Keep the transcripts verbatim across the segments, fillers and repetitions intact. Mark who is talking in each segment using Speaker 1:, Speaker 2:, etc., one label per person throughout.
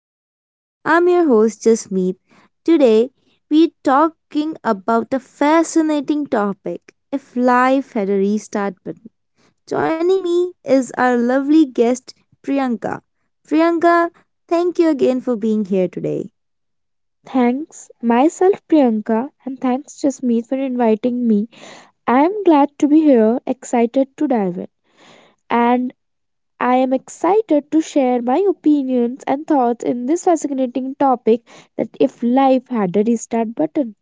Speaker 1: Connections. I'm your host Jasmeet. Today we're talking about a fascinating topic if life had a restart button. Joining me is our lovely guest Priyanka. Priyanka, thank you again for being here today.
Speaker 2: Thanks myself, Priyanka, and thanks Jasmeet for inviting me. I am glad to be here, excited to dive in. And I am excited to share my opinions and thoughts in this fascinating topic that if life had a restart button.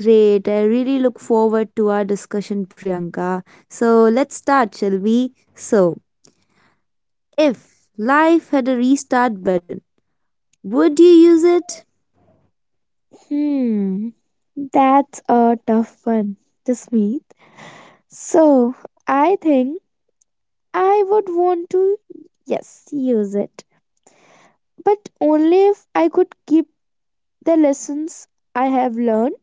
Speaker 1: Great, I really look forward to our discussion, Priyanka. So let's start, shall we? So, if life had a restart button, would you use it?
Speaker 2: Hmm, that's a tough one, Jasmeet. So, I think I would want to, yes, use it. But only if I could keep the lessons I have learned.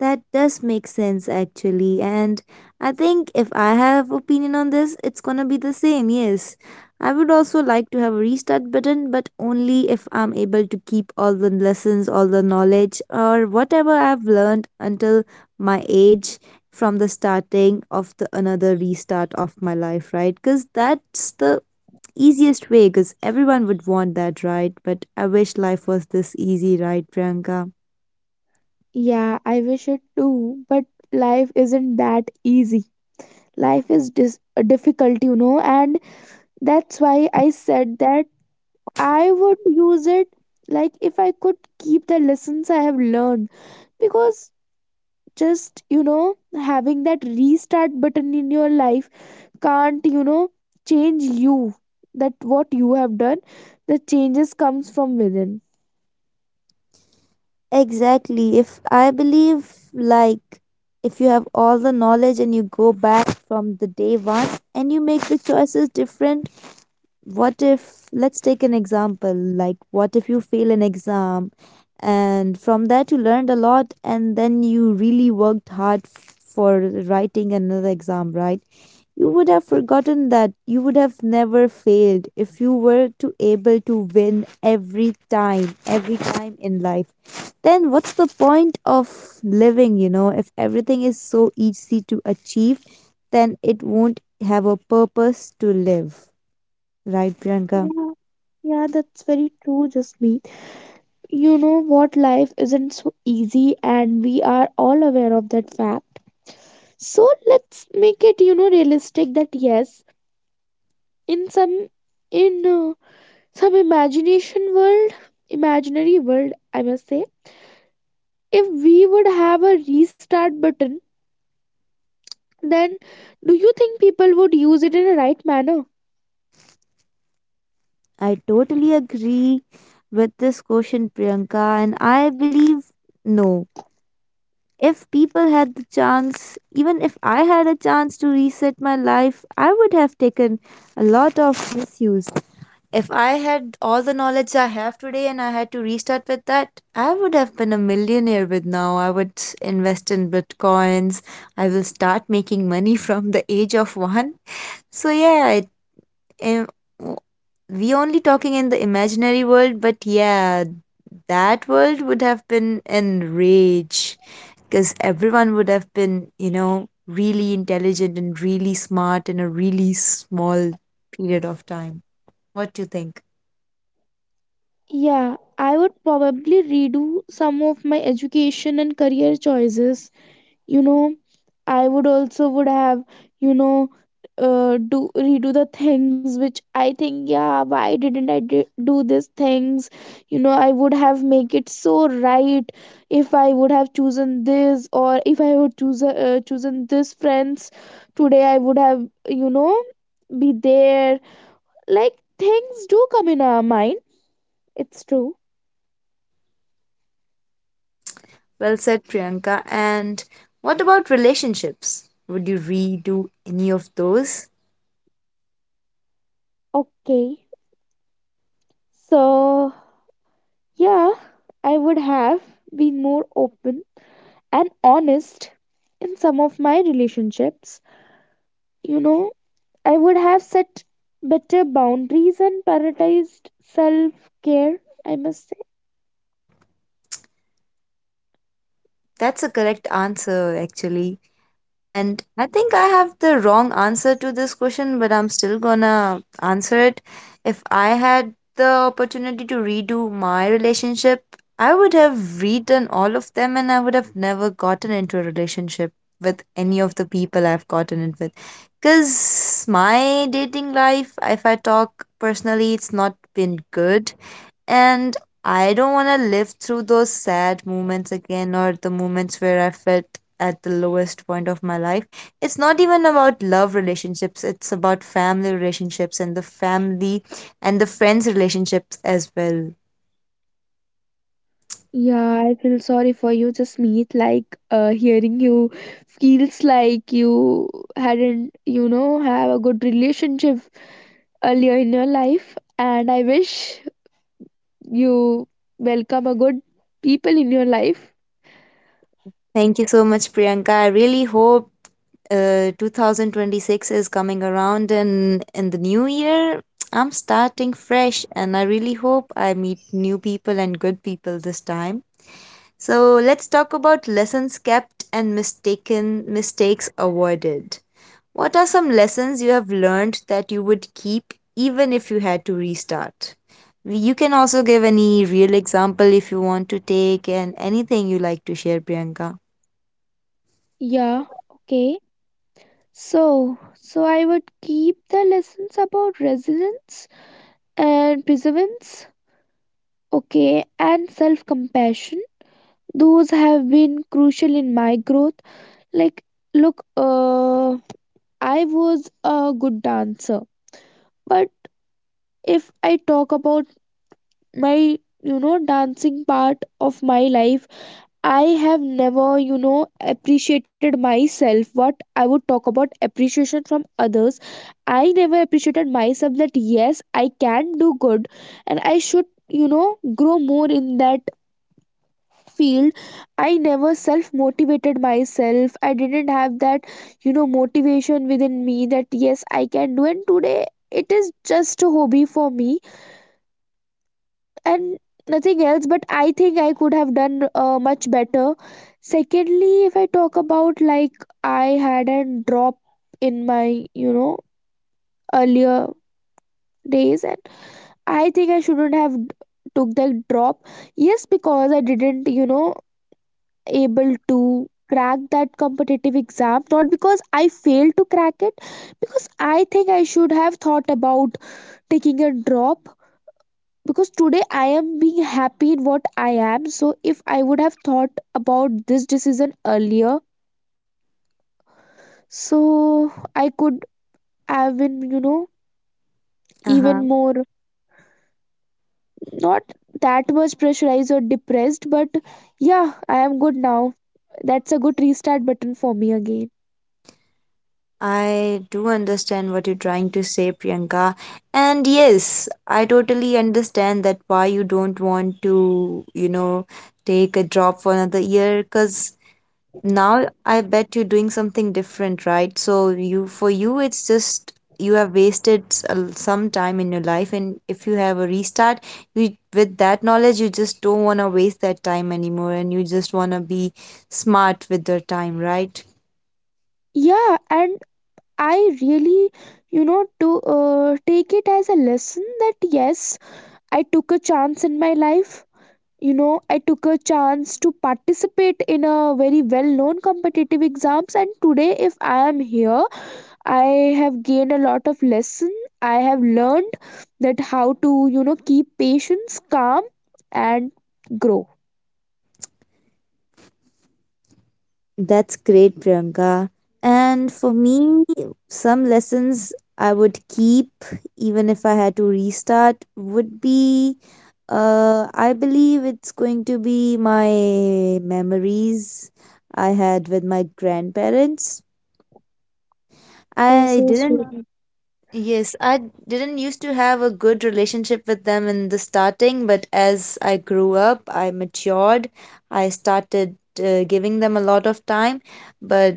Speaker 1: That does make sense actually, and I think if I have opinion on this it's going to be the same, yes. I would also like to have a restart button, but only if I'm able to keep all the lessons, all the knowledge or whatever I've learned until my age from the starting of the another restart of my life, right? Cuz that's the easiest way, cuz everyone would want that, right? But I wish life was this easy, right Priyanka?
Speaker 2: Yeah, I wish it too, but life isn't that easy. Life is dis- uh, difficult, you know, and that's why I said that I would use it like if I could keep the lessons I have learned because just, you know, having that restart button in your life can't, you know, change you. That what you have done, the changes comes from within.
Speaker 1: Exactly. If I believe, like, if you have all the knowledge and you go back from the day one and you make the choices different, what if, let's take an example, like what if you fail an exam and from that you learned a lot and then you really worked hard f- for writing another exam, right? You would have forgotten that. You would have never failed if you were to able to win every time, every time in life. Then what's the point of living, you know if everything is so easy to achieve, then it won't have a purpose to live. Right, Priyanka.
Speaker 2: Yeah, yeah, that's very true, just me. You know what? Life isn't so easy, and we are all aware of that fact. So let's make it, you know, realistic that yes, in some, in uh, some imagination world, imaginary world, I must say, if we would have a restart button, then do you think people would use it in a right manner?
Speaker 1: I totally agree with this question, Priyanka, and I believe no. If people had the chance, even if I had a chance to reset my life, I would have taken a lot of misuse. If I had all the knowledge I have today and I had to restart with that, I would have been a millionaire with now. I would invest in bitcoins. I will start making money from the age of one. So yeah, Im- w- we only talking in the imaginary world, but yeah, that world would have been in rage because everyone would have been, you know, really intelligent and really smart in a really small period of time. What do you think?
Speaker 2: Yeah, I would probably redo some of my education and career choices, you know. I would also would have, you know, uh, do redo the things which I think, yeah, why didn't i do, do these things? You know, I would have make it so right if I would have chosen this or if I would choose uh, chosen this friends, today I would have, you know, be there, like things do come in our mind. It's true.
Speaker 1: Well said, Priyanka. And what about relationships? Would you redo any of those?
Speaker 2: Okay, so yeah, I would have been more open and honest in some of my relationships. You know, I would have set better boundaries and prioritized self care, I must say.
Speaker 1: That's a correct answer, actually. And I think I have the wrong answer to this question, but I'm still gonna answer it. If I had the opportunity to redo my relationship, I would have redone all of them and I would have never gotten into a relationship with any of the people I've gotten it with. Because my dating life, if I talk personally, it's not been good and I don't want to live through those sad moments again, or the moments where I felt at the lowest point of my life. It's not even about love relationships, it's about family relationships and the family and the friends relationships as well.
Speaker 2: Yeah, I feel sorry for you, Jasmeet. Like, uh, hearing you feels like you hadn't, you know, have a good relationship earlier in your life. And I wish you welcome a good people in your life.
Speaker 1: Thank you so much, Priyanka. I really hope uh, twenty twenty-six is coming around, and in the new year, I'm starting fresh and I really hope I meet new people and good people this time. So let's talk about lessons kept and mistaken mistakes avoided. What are some lessons you have learned that you would keep even if you had to restart? You can also give any real example if you want to take and anything you like to share, Priyanka.
Speaker 2: Yeah, okay. So, so I would keep the lessons about resilience and perseverance, okay, and self-compassion. Those have been crucial in my growth. Like, look, uh, I was a good dancer, but if I talk about my, you know, dancing part of my life, I have never, you know, appreciated myself. What I would talk about appreciation from others? I never appreciated myself that yes, I can do good and I should, you know, grow more in that field. I never self motivated myself. I didn't have that, you know, motivation within me that yes, I can do, and today it is just a hobby for me and nothing else, but I think I could have done uh, much better. Secondly, if I talk about, like, I had a drop in my, you know, earlier days, and I think I shouldn't have d- took that drop. Yes, because I didn't, you know, able to crack that competitive exam, not because I failed to crack it, because I think I should have thought about taking a drop because today I am being happy in what I am. So if I would have thought about this decision earlier, so I could have been, you know,
Speaker 1: Uh-huh.
Speaker 2: even more not that much pressurized or depressed, but yeah, I am good now. That's a good restart button for me again.
Speaker 1: I do understand what you're trying to say, Priyanka. And yes, I totally understand that why you don't want to, you know, take a job for another year, because now I bet you're doing something different, right? So you, for you, it's just you have wasted s- a l- some time in your life, and if you have a restart, you with that knowledge, you just don't want to waste that time anymore and you just want to be smart with your time, right?
Speaker 2: Yeah, and I really, you know, to uh, take it as a lesson that yes, I took a chance in my life. You know, I took a chance to participate in a very well known competitive exams, and today if I am here, I have gained a lot of lesson. I have learned that how to, you know, keep patience calm and grow.
Speaker 1: That's great, Priyanka. And for me, some lessons I would keep even if I had to restart would be, Uh, I believe it's going to be my memories I had with my grandparents.
Speaker 2: Oh,
Speaker 1: I
Speaker 2: so
Speaker 1: didn't.
Speaker 2: sweet.
Speaker 1: Yes, I didn't used to have a good relationship with them in the starting, but as I grew up, I matured, I started uh, giving them a lot of time. But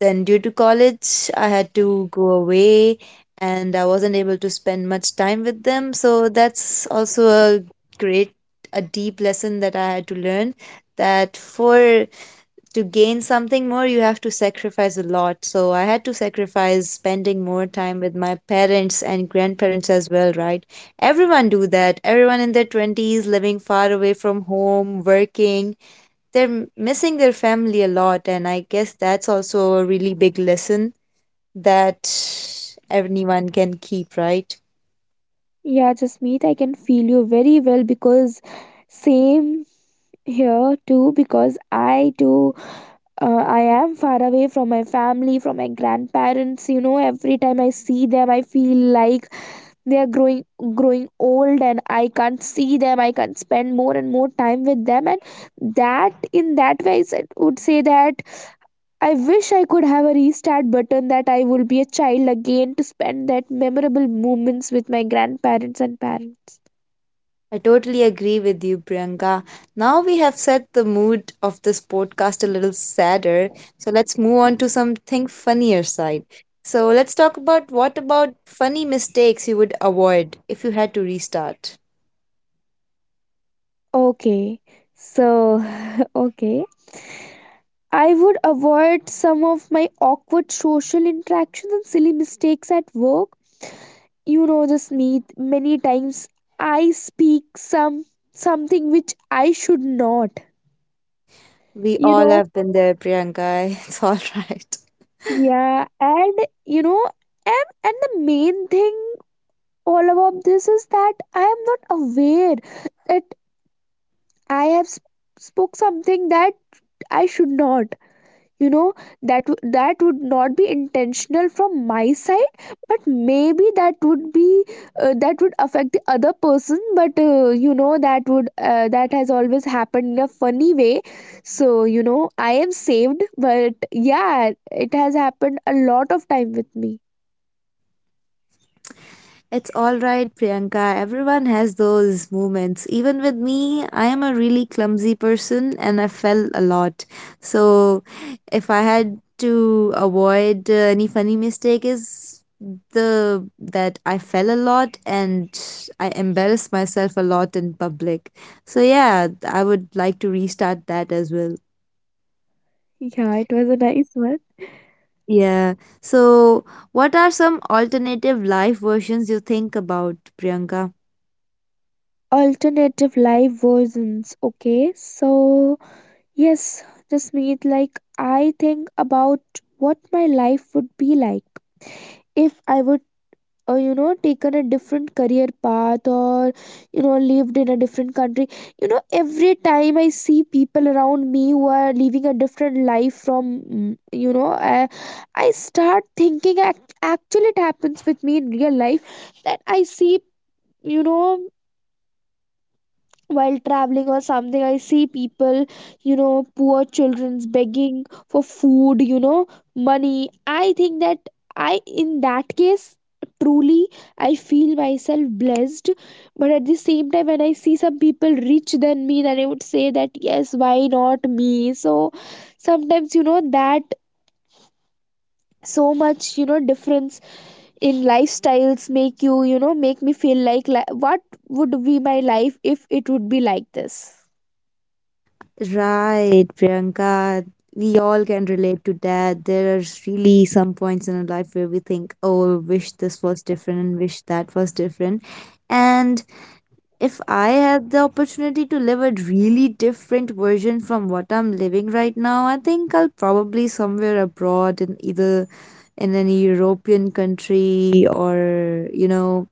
Speaker 1: then, due to college, I had to go away and I wasn't able to spend much time with them. So, that's also a great, a deep lesson that I had to learn, that for to gain something more you have to sacrifice a lot. So I had to sacrifice spending more time with my parents and grandparents as well, right? Everyone do that, everyone in their twenties living far away from home working, they're m- missing their family a lot, and I guess that's also a really big lesson that anyone can keep, right?
Speaker 2: Yeah, Jasmeet, I can feel you very well because same here too, because I too, uh, I am far away from my family, from my grandparents. You know, every time I see them, I feel like they are growing growing old and I can't see them. I can't spend more and more time with them. And that, in that way, I said- would say that I wish I could have a restart button that I would be a child again to spend that memorable moments with my grandparents and parents.
Speaker 1: I totally agree with you, Priyanka. Now we have set the mood of this podcast a little sadder. So let's move on to something funnier side. So let's talk about what about funny mistakes you would avoid if you had to restart.
Speaker 2: Okay. So, okay. I would avoid some of my awkward social interactions and silly mistakes at work. You know, just me many times I speak some something which I should not.
Speaker 1: We
Speaker 2: You
Speaker 1: all
Speaker 2: know,
Speaker 1: have been there, Priyanka. It's all right.
Speaker 2: yeah, and you know, and, and the main thing all about this is that I am not aware that I have sp- spoke something that I should not. You know, that w- that would not be intentional from my side, but maybe that would be, uh, that would affect the other person. But uh, you know, that would, uh, that has always happened in a funny way. So, you know, I am saved, but yeah, it has happened a lot of time with me.
Speaker 1: It's all right, Priyanka. Everyone has those moments. Even with me, I am a really clumsy person and I fell a lot. So, if I had to avoid uh, any funny mistake is the that I fell a lot and I embarrassed myself a lot in public. So, yeah, I would like to restart that as well.
Speaker 2: Yeah, it was a nice one.
Speaker 1: Yeah. So, what are some alternative life versions you think about, Priyanka?
Speaker 2: Alternative live versions, okay. So yes, just meet, like I think about what my life would be like if I would, uh, you know, taken a different career path or, you know, lived in a different country. You know, every time I see people around me who are living a different life from, mm, you know, i, I start thinking, act- actually it happens with me in real life that I see, you know, while traveling or something I see people, you know, poor children's begging for food, you know, money. I think that I, in that case, truly I feel myself blessed, but at the same time when I see some people rich than me, then I would say that yes, why not me. So sometimes, you know, that so much, you know, difference in lifestyles make you, you know, make me feel like li- what would be my life if it would be like this.
Speaker 1: Right, Priyanka. We all can relate to that. There are really some points in our life where we think, oh, wish this was different and wish that was different. And if I had the opportunity to live a really different version from what I'm living right now, I think I'll probably somewhere abroad in either in an European country, or, you know,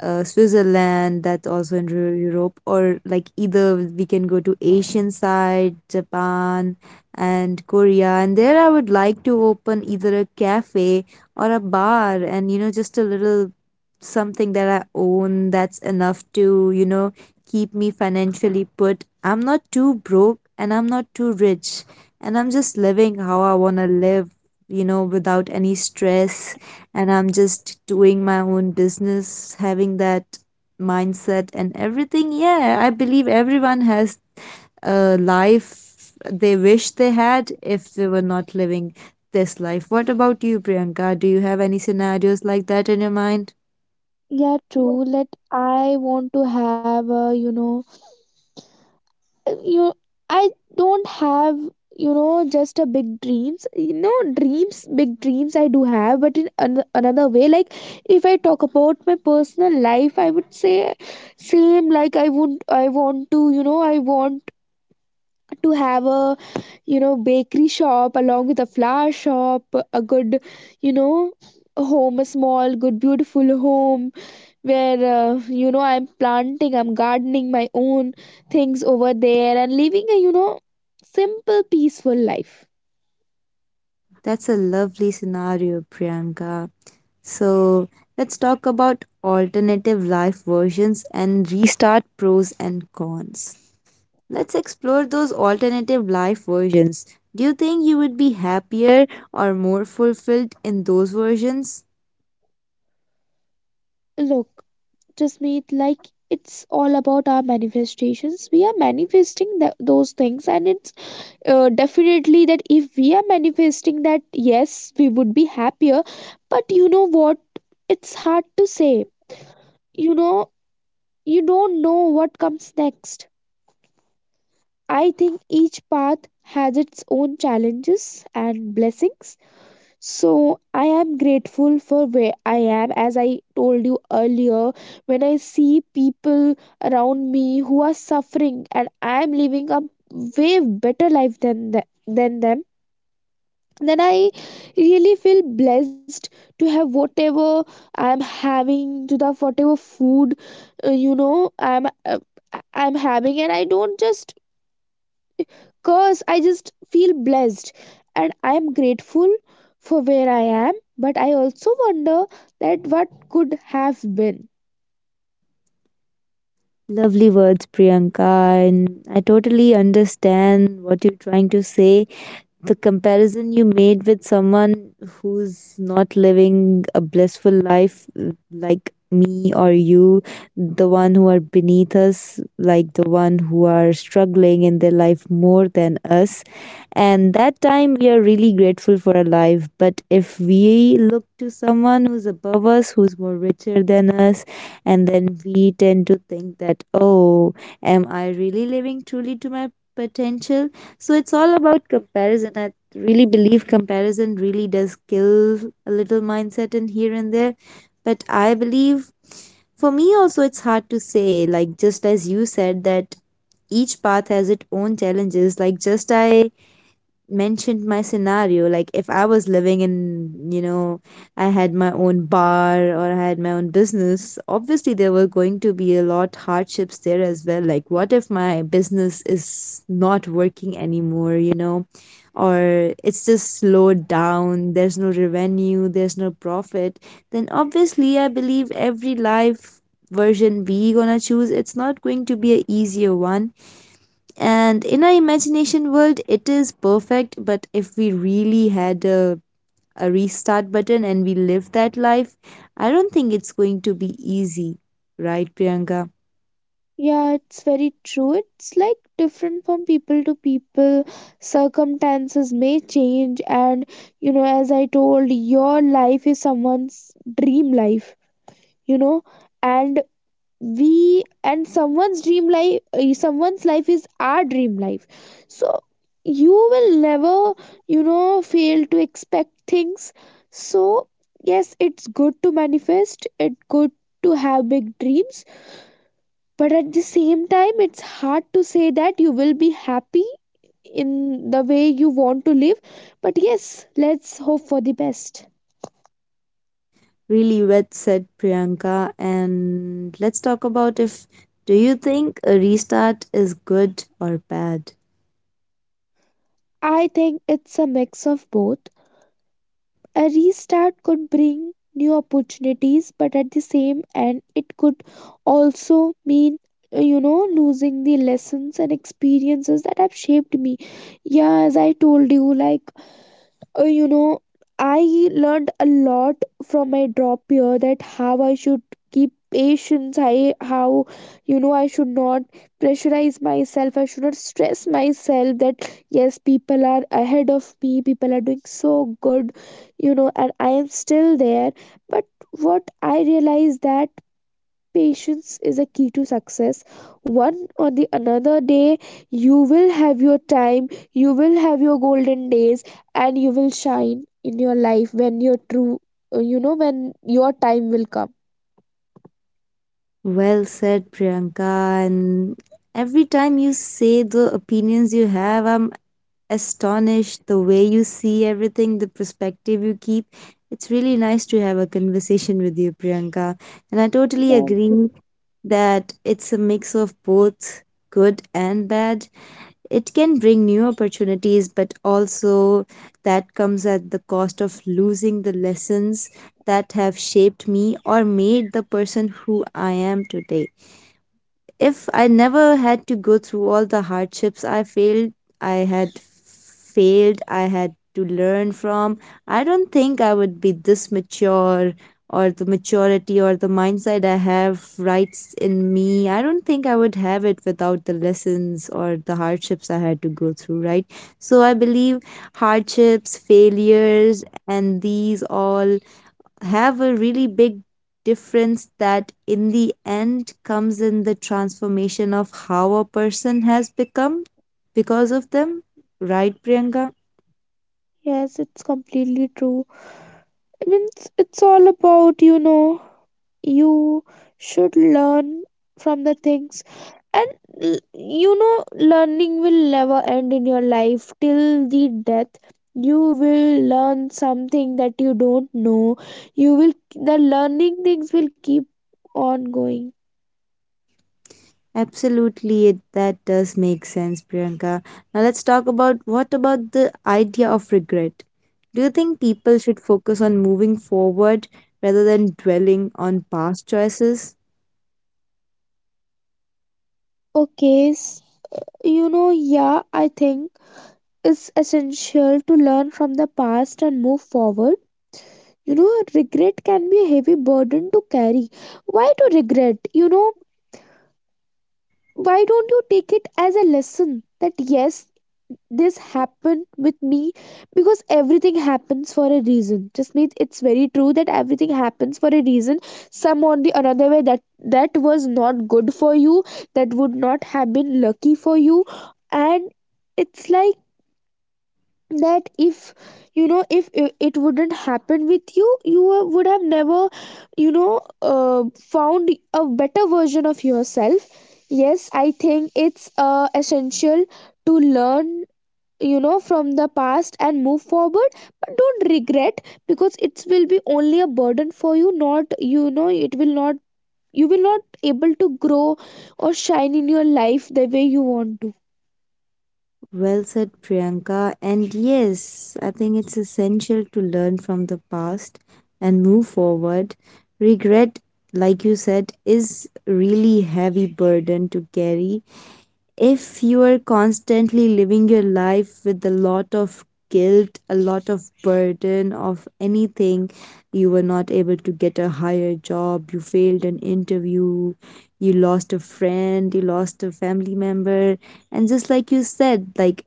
Speaker 1: uh, Switzerland, that's also in Eu- Europe, or like either we can go to Asian side, Japan and Korea. And there I would like to open either a cafe or a bar, and you know, just a little something that I own, that's enough to, you know, keep me financially put. I'm not too broke and I'm not too rich, and I'm just living how I want to live, you know, without any stress, and I'm just doing my own business, having that mindset and everything. Yeah, I believe everyone has a life they wish they had if they were not living this life. What about you, Priyanka? Do you have any scenarios like that in your mind?
Speaker 2: Yeah, true. Let I want to have, a, you know, you. I don't have, you know, just a big dreams. You know, dreams, big dreams. I do have, but in an- another way. Like, if I talk about my personal life, I would say same. Like, I would, I want to, you know, I want to have a, you know, bakery shop along with a flower shop, a good, you know, a home, a small, good, beautiful home where, uh, you know, I'm planting, I'm gardening my own things over there and living a, you know, simple peaceful life.
Speaker 1: That's a lovely scenario, Priyanka. So let's talk about alternative life versions and restart pros and cons. Let's explore those alternative life versions. Do you think you would be happier or more fulfilled in those versions?
Speaker 2: Look, just meet, like it's all about our manifestations. We are manifesting th- those things, and it's, uh, definitely that if we are manifesting that yes, we would be happier, but you know what, it's hard to say, you know, you don't know what comes next. I think each path has its own challenges and blessings. So I am grateful for where I am. As I told you earlier, when I see people around me who are suffering and I am living a way better life than, the, than them, then I really feel blessed to have whatever I am having, to the whatever food, uh, you know, I am uh, I am having, and I don't just. Cause I just feel blessed and I am grateful for where I am, but I also wonder that what could have been.
Speaker 1: Lovely words, Priyanka, and I totally understand what you're trying to say. The comparison you made with someone who's not living a blissful life, uh, like me or you, the one who are beneath us, like the one who are struggling in their life more than us, and that time we are really grateful for our life. But if we look to someone who's above us, who's more richer than us, and then we tend to think that, oh, am I really living truly to my potential? So it's all about comparison. I really believe comparison really does kill a little mindset in here and there. But I believe for me also it's hard to say, like just as you said that each path has its own challenges. Like, just I mentioned my scenario, like if I was living in, you know, I had my own bar or I had my own business, obviously there were going to be a lot hardships there as well. Like what if my business is not working anymore, you know, or it's just slowed down, there's no revenue, there's no profit, then obviously I believe every life version we gonna choose, it's not going to be a easier one. And in our imagination world, it is perfect. But if we really had a, a restart button and we live that life, I don't think it's going to be easy. Right, Priyanka?
Speaker 2: Yeah, it's very true. It's like different from people to people. Circumstances may change, and you know, as I told, your life is someone's dream life, you know, and we and someone's dream life, uh, someone's life is our dream life. So, you will never, you know, fail to expect things. So, yes, it's good to manifest, it's good to have big dreams, but at the same time it's hard to say that you will be happy in the way you want to live, but yes, let's hope for the best.
Speaker 1: Really well said, Priyanka. And let's talk about, if do you think a restart is good or bad?
Speaker 2: I think it's a mix of both. A restart could bring new opportunities, but at the same end it could also mean, uh, you know, losing the lessons and experiences that have shaped me. Yeah, as I told you, like, uh, you know, I learned a lot from my drop year, that how I should keep patience, I how, you know, I should not pressurize myself, I should not stress myself, that yes, people are ahead of me, people are doing so good, you know, and I am still there. But what I realized, that patience is a key to success. One or the another day you will have your time, you will have your golden days, and you will shine in your life when your true, uh, you know, when your time will come.
Speaker 1: Well said, Priyanka. And every time you say the opinions you have, I'm astonished the way you see everything, the perspective you keep. It's really nice to have a conversation with you, Priyanka. And I totally
Speaker 2: Then-
Speaker 1: agree that it's a mix of both good and bad. It can bring new opportunities, but also that comes at the cost of losing the lessons that have shaped me or made the person who I am today. If I never had to go through all the hardships I failed, I had failed, I had to learn from, I don't think I would be this mature, or the maturity or the mindset I have rights in me. I don't think I would have it without the lessons or the hardships I had to go through, right? So I believe hardships, failures, and these all have a really big difference that in the end comes in the transformation of how a person has become because of them, right, Priyanka?
Speaker 2: yes, it's completely true. I mean, it's, it's all about, you know, you should learn from the things and, l- you know, learning will never end in your life till the death. You will learn something that you don't know. You will, the learning things will keep on going.
Speaker 1: Absolutely, it, that does make sense, Priyanka. Now let's talk about, what about the idea of regret? Do you think people should focus on moving forward rather than dwelling on past choices?
Speaker 2: okay s- you know, yeah, I think it's essential to learn from the past and move forward. You know, regret can be a heavy burden to carry. Why to regret, you know? Why don't you take it as a lesson that yes, this happened with me, because everything happens for a reason. Just means it's very true that everything happens for a reason. Some or the another way that that was not good for you, that would not have been lucky for you, and it's like that if, you know, if i- it wouldn't happen with you, you, uh, would have never, you know, uh, found a better version of yourself. Yes, I think it's, uh, essential to learn, you know, from the past and move forward, but don't regret because it will be only a burden for you, not, you know, it will not, you will not able to grow or shine in your life the way you want to.
Speaker 1: Well said, Priyanka. And yes, I think it's essential to learn from the past and move forward. Regret, like you said, is really heavy burden to carry. If you are constantly living your life with a lot of guilt, a lot of burden of anything, you were not able to get a higher job, you failed an interview, you lost a friend, you lost a family member, and just like you said, like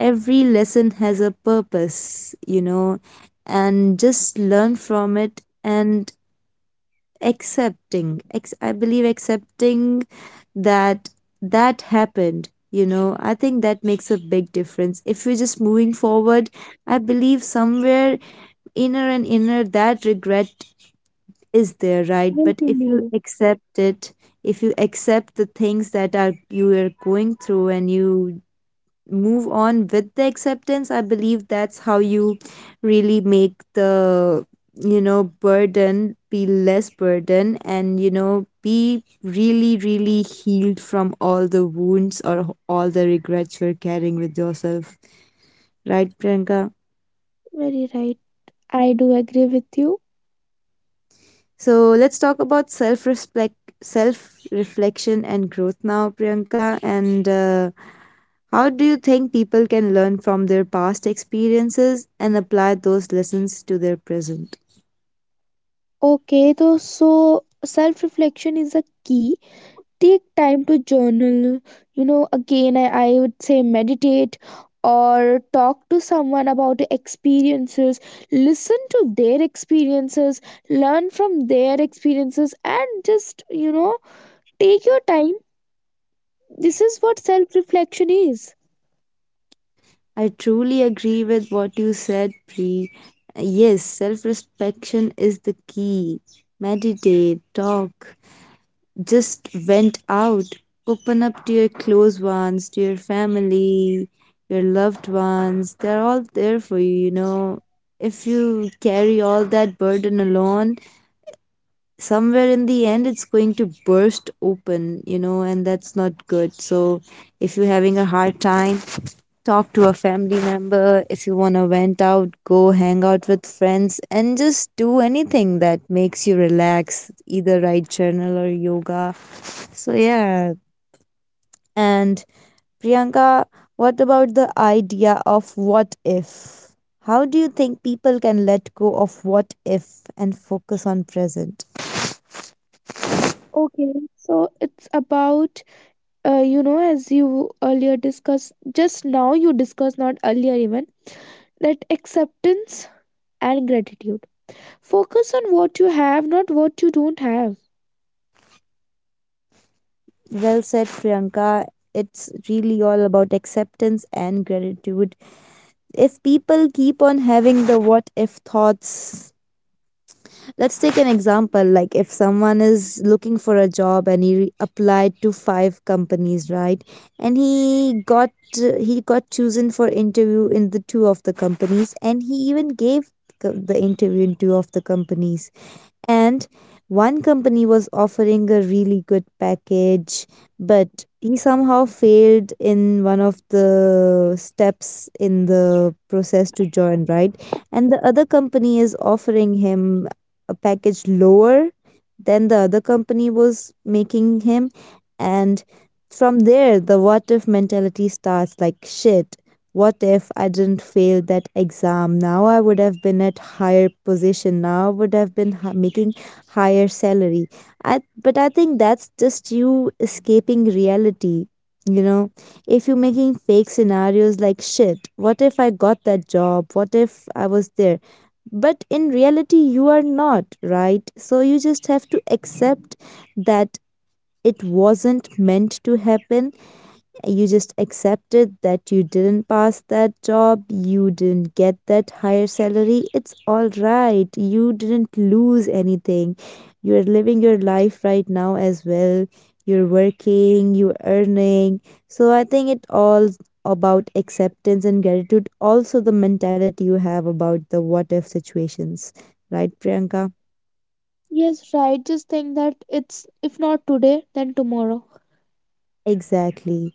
Speaker 1: every lesson has a purpose, you know, and just learn from it and accepting. Ex- I believe accepting that that happened, you know, I think that makes a big difference. If you're just moving forward, I believe somewhere inner and inner that regret is there, right?
Speaker 2: Will
Speaker 1: But
Speaker 2: kill
Speaker 1: if you
Speaker 2: you.
Speaker 1: accept it, if you accept the things that are you are going through and you move on with the acceptance, I believe that's how you really make the, you know, burden be less burden and, you know, be really really healed from all the wounds or all the regrets you're carrying with yourself, right, Priyanka?
Speaker 2: Very right. I do agree with you.
Speaker 1: So let's talk about self respect, self reflection, and growth now, Priyanka. And uh, how do you think people can learn from their past experiences and apply those lessons to their present?
Speaker 2: Okay, though, so self reflection is a key. Take time to journal. You know, again, I, I would say meditate or talk to someone about your experiences, listen to their experiences, learn from their experiences, and just, you know, take your time. This is what self reflection is.
Speaker 1: I truly agree with what you said, Pri. Yes, self respection is the key. Meditate, talk, just vent out. Open up to your close ones, to your family, your loved ones. They're all there for you, you know. If you carry all that burden alone, somewhere in the end it's going to burst open, you know, and that's not good. So if you're having a hard time, talk to a family member. If you want to vent out, go hang out with friends and just do anything that makes you relax, either write journal or yoga. So, yeah. And Priyanka, what about the idea of what if? How do you think people can let go of what if and focus on present?
Speaker 2: Okay, so it's about, uh, you know, as you earlier discussed, just now you discussed, not earlier even, that acceptance and gratitude. Focus on what you have, not what you don't have.
Speaker 1: Well said, Priyanka. It's really all about acceptance and gratitude. If people keep on having the what if thoughts, let's take an example, like if someone is looking for a job and he re- applied to five companies, right? And he got uh, he got chosen for interview in the two of the companies and he even gave co- the interview in two of the companies, and one company was offering a really good package, but he somehow failed in one of the steps in the process to join, right? And the other company is offering him a package lower than the other company was making him. And from there, the what if mentality starts like, shit, what if I didn't fail that exam? Now I would have been at higher position. Now I would have been ha- making higher salary. I, but I think that's just you escaping reality. You know, if you're making fake scenarios like, shit, what if I got that job? What if I was there? But in reality, you are not, right? So you just have to accept that it wasn't meant to happen, you just accepted that you didn't pass that job, you didn't get that higher salary. It's all right. You didn't lose anything. You're living your life right now as well. You're working, you're earning. So I think it all about acceptance and gratitude, also the mentality you have about the what if situations. Right, Priyanka?
Speaker 2: Yes, right. Just think that it's, if not today, then tomorrow.
Speaker 1: Exactly.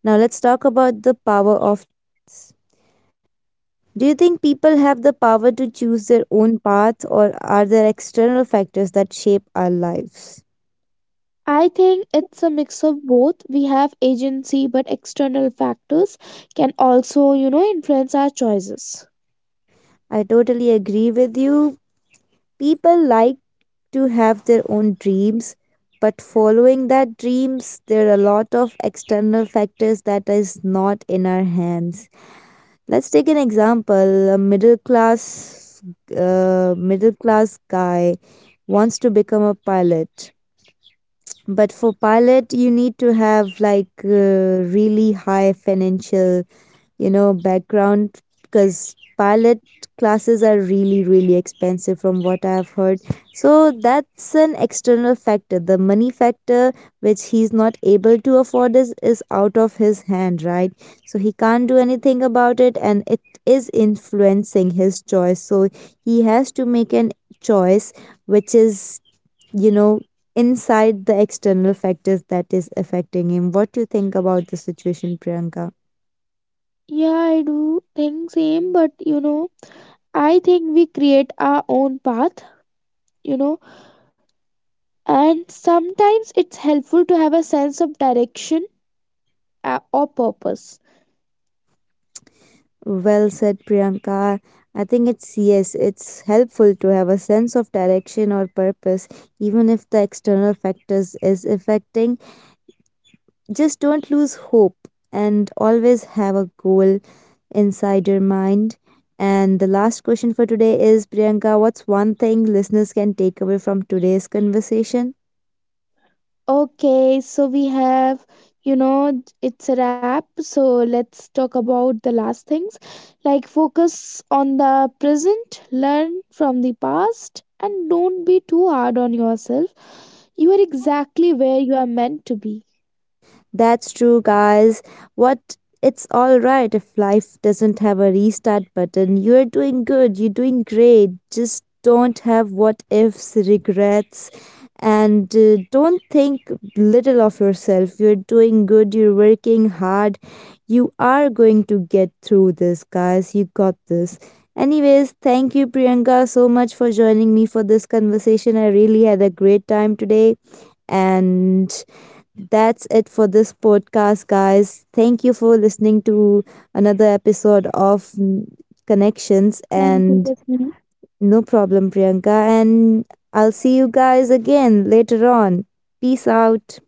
Speaker 1: Now let's talk about the power of choice. Do you think people have the power to choose their own path, or are there external factors that shape our lives?
Speaker 2: I think it's a mix of both. We have agency, but external factors can also, you know, influence our choices.
Speaker 1: I totally agree with you. People like to have their own dreams, but following that dreams, there are a lot of external factors that is not in our hands. Let's take an example. A middle class, uh, middle class guy wants to become a pilot. But for pilot, you need to have like uh, really high financial, you know, background, because pilot classes are really really expensive from what I've heard. So that's an external factor. The money factor which he's not able to afford is is out of his hand, right? So he can't do anything about it and it is influencing his choice. So he has to make an choice which is, you know, inside the external factors that is affecting him. What do you think about the situation, Priyanka?
Speaker 2: Yeah, I do think same, but you know, I think we create our own path, you know, and sometimes it's helpful to have a sense of direction, uh, or purpose.
Speaker 1: Well said, Priyanka. I think it's yes, it's helpful to have a sense of direction or purpose, even if the external factors is affecting. Just don't lose hope and always have a goal inside your mind. And the last question for today is, Priyanka, what's one thing listeners can take away from today's conversation?
Speaker 2: Okay, so we have, you know, it's a wrap. So let's talk about the last things, like focus on the present, learn from the past, and don't be too hard on yourself. You are exactly where you are meant to be.
Speaker 1: That's true, guys. What, it's all right if life doesn't have a restart button. You're doing good, you're doing great. Just don't have what ifs, regrets, and uh, don't think little of yourself. You're doing good, you're working hard. You are going to get through this, guys. You got this. Anyways, thank you, Priyanka, so much for joining me for this conversation. I really had a great time today. And that's it for this podcast, guys. Thank you for listening to another episode of mm, Connections.
Speaker 2: Thank you,
Speaker 1: And
Speaker 2: Jasmine.
Speaker 1: no problem, Priyanka. And I'll see you guys again later on. Peace out.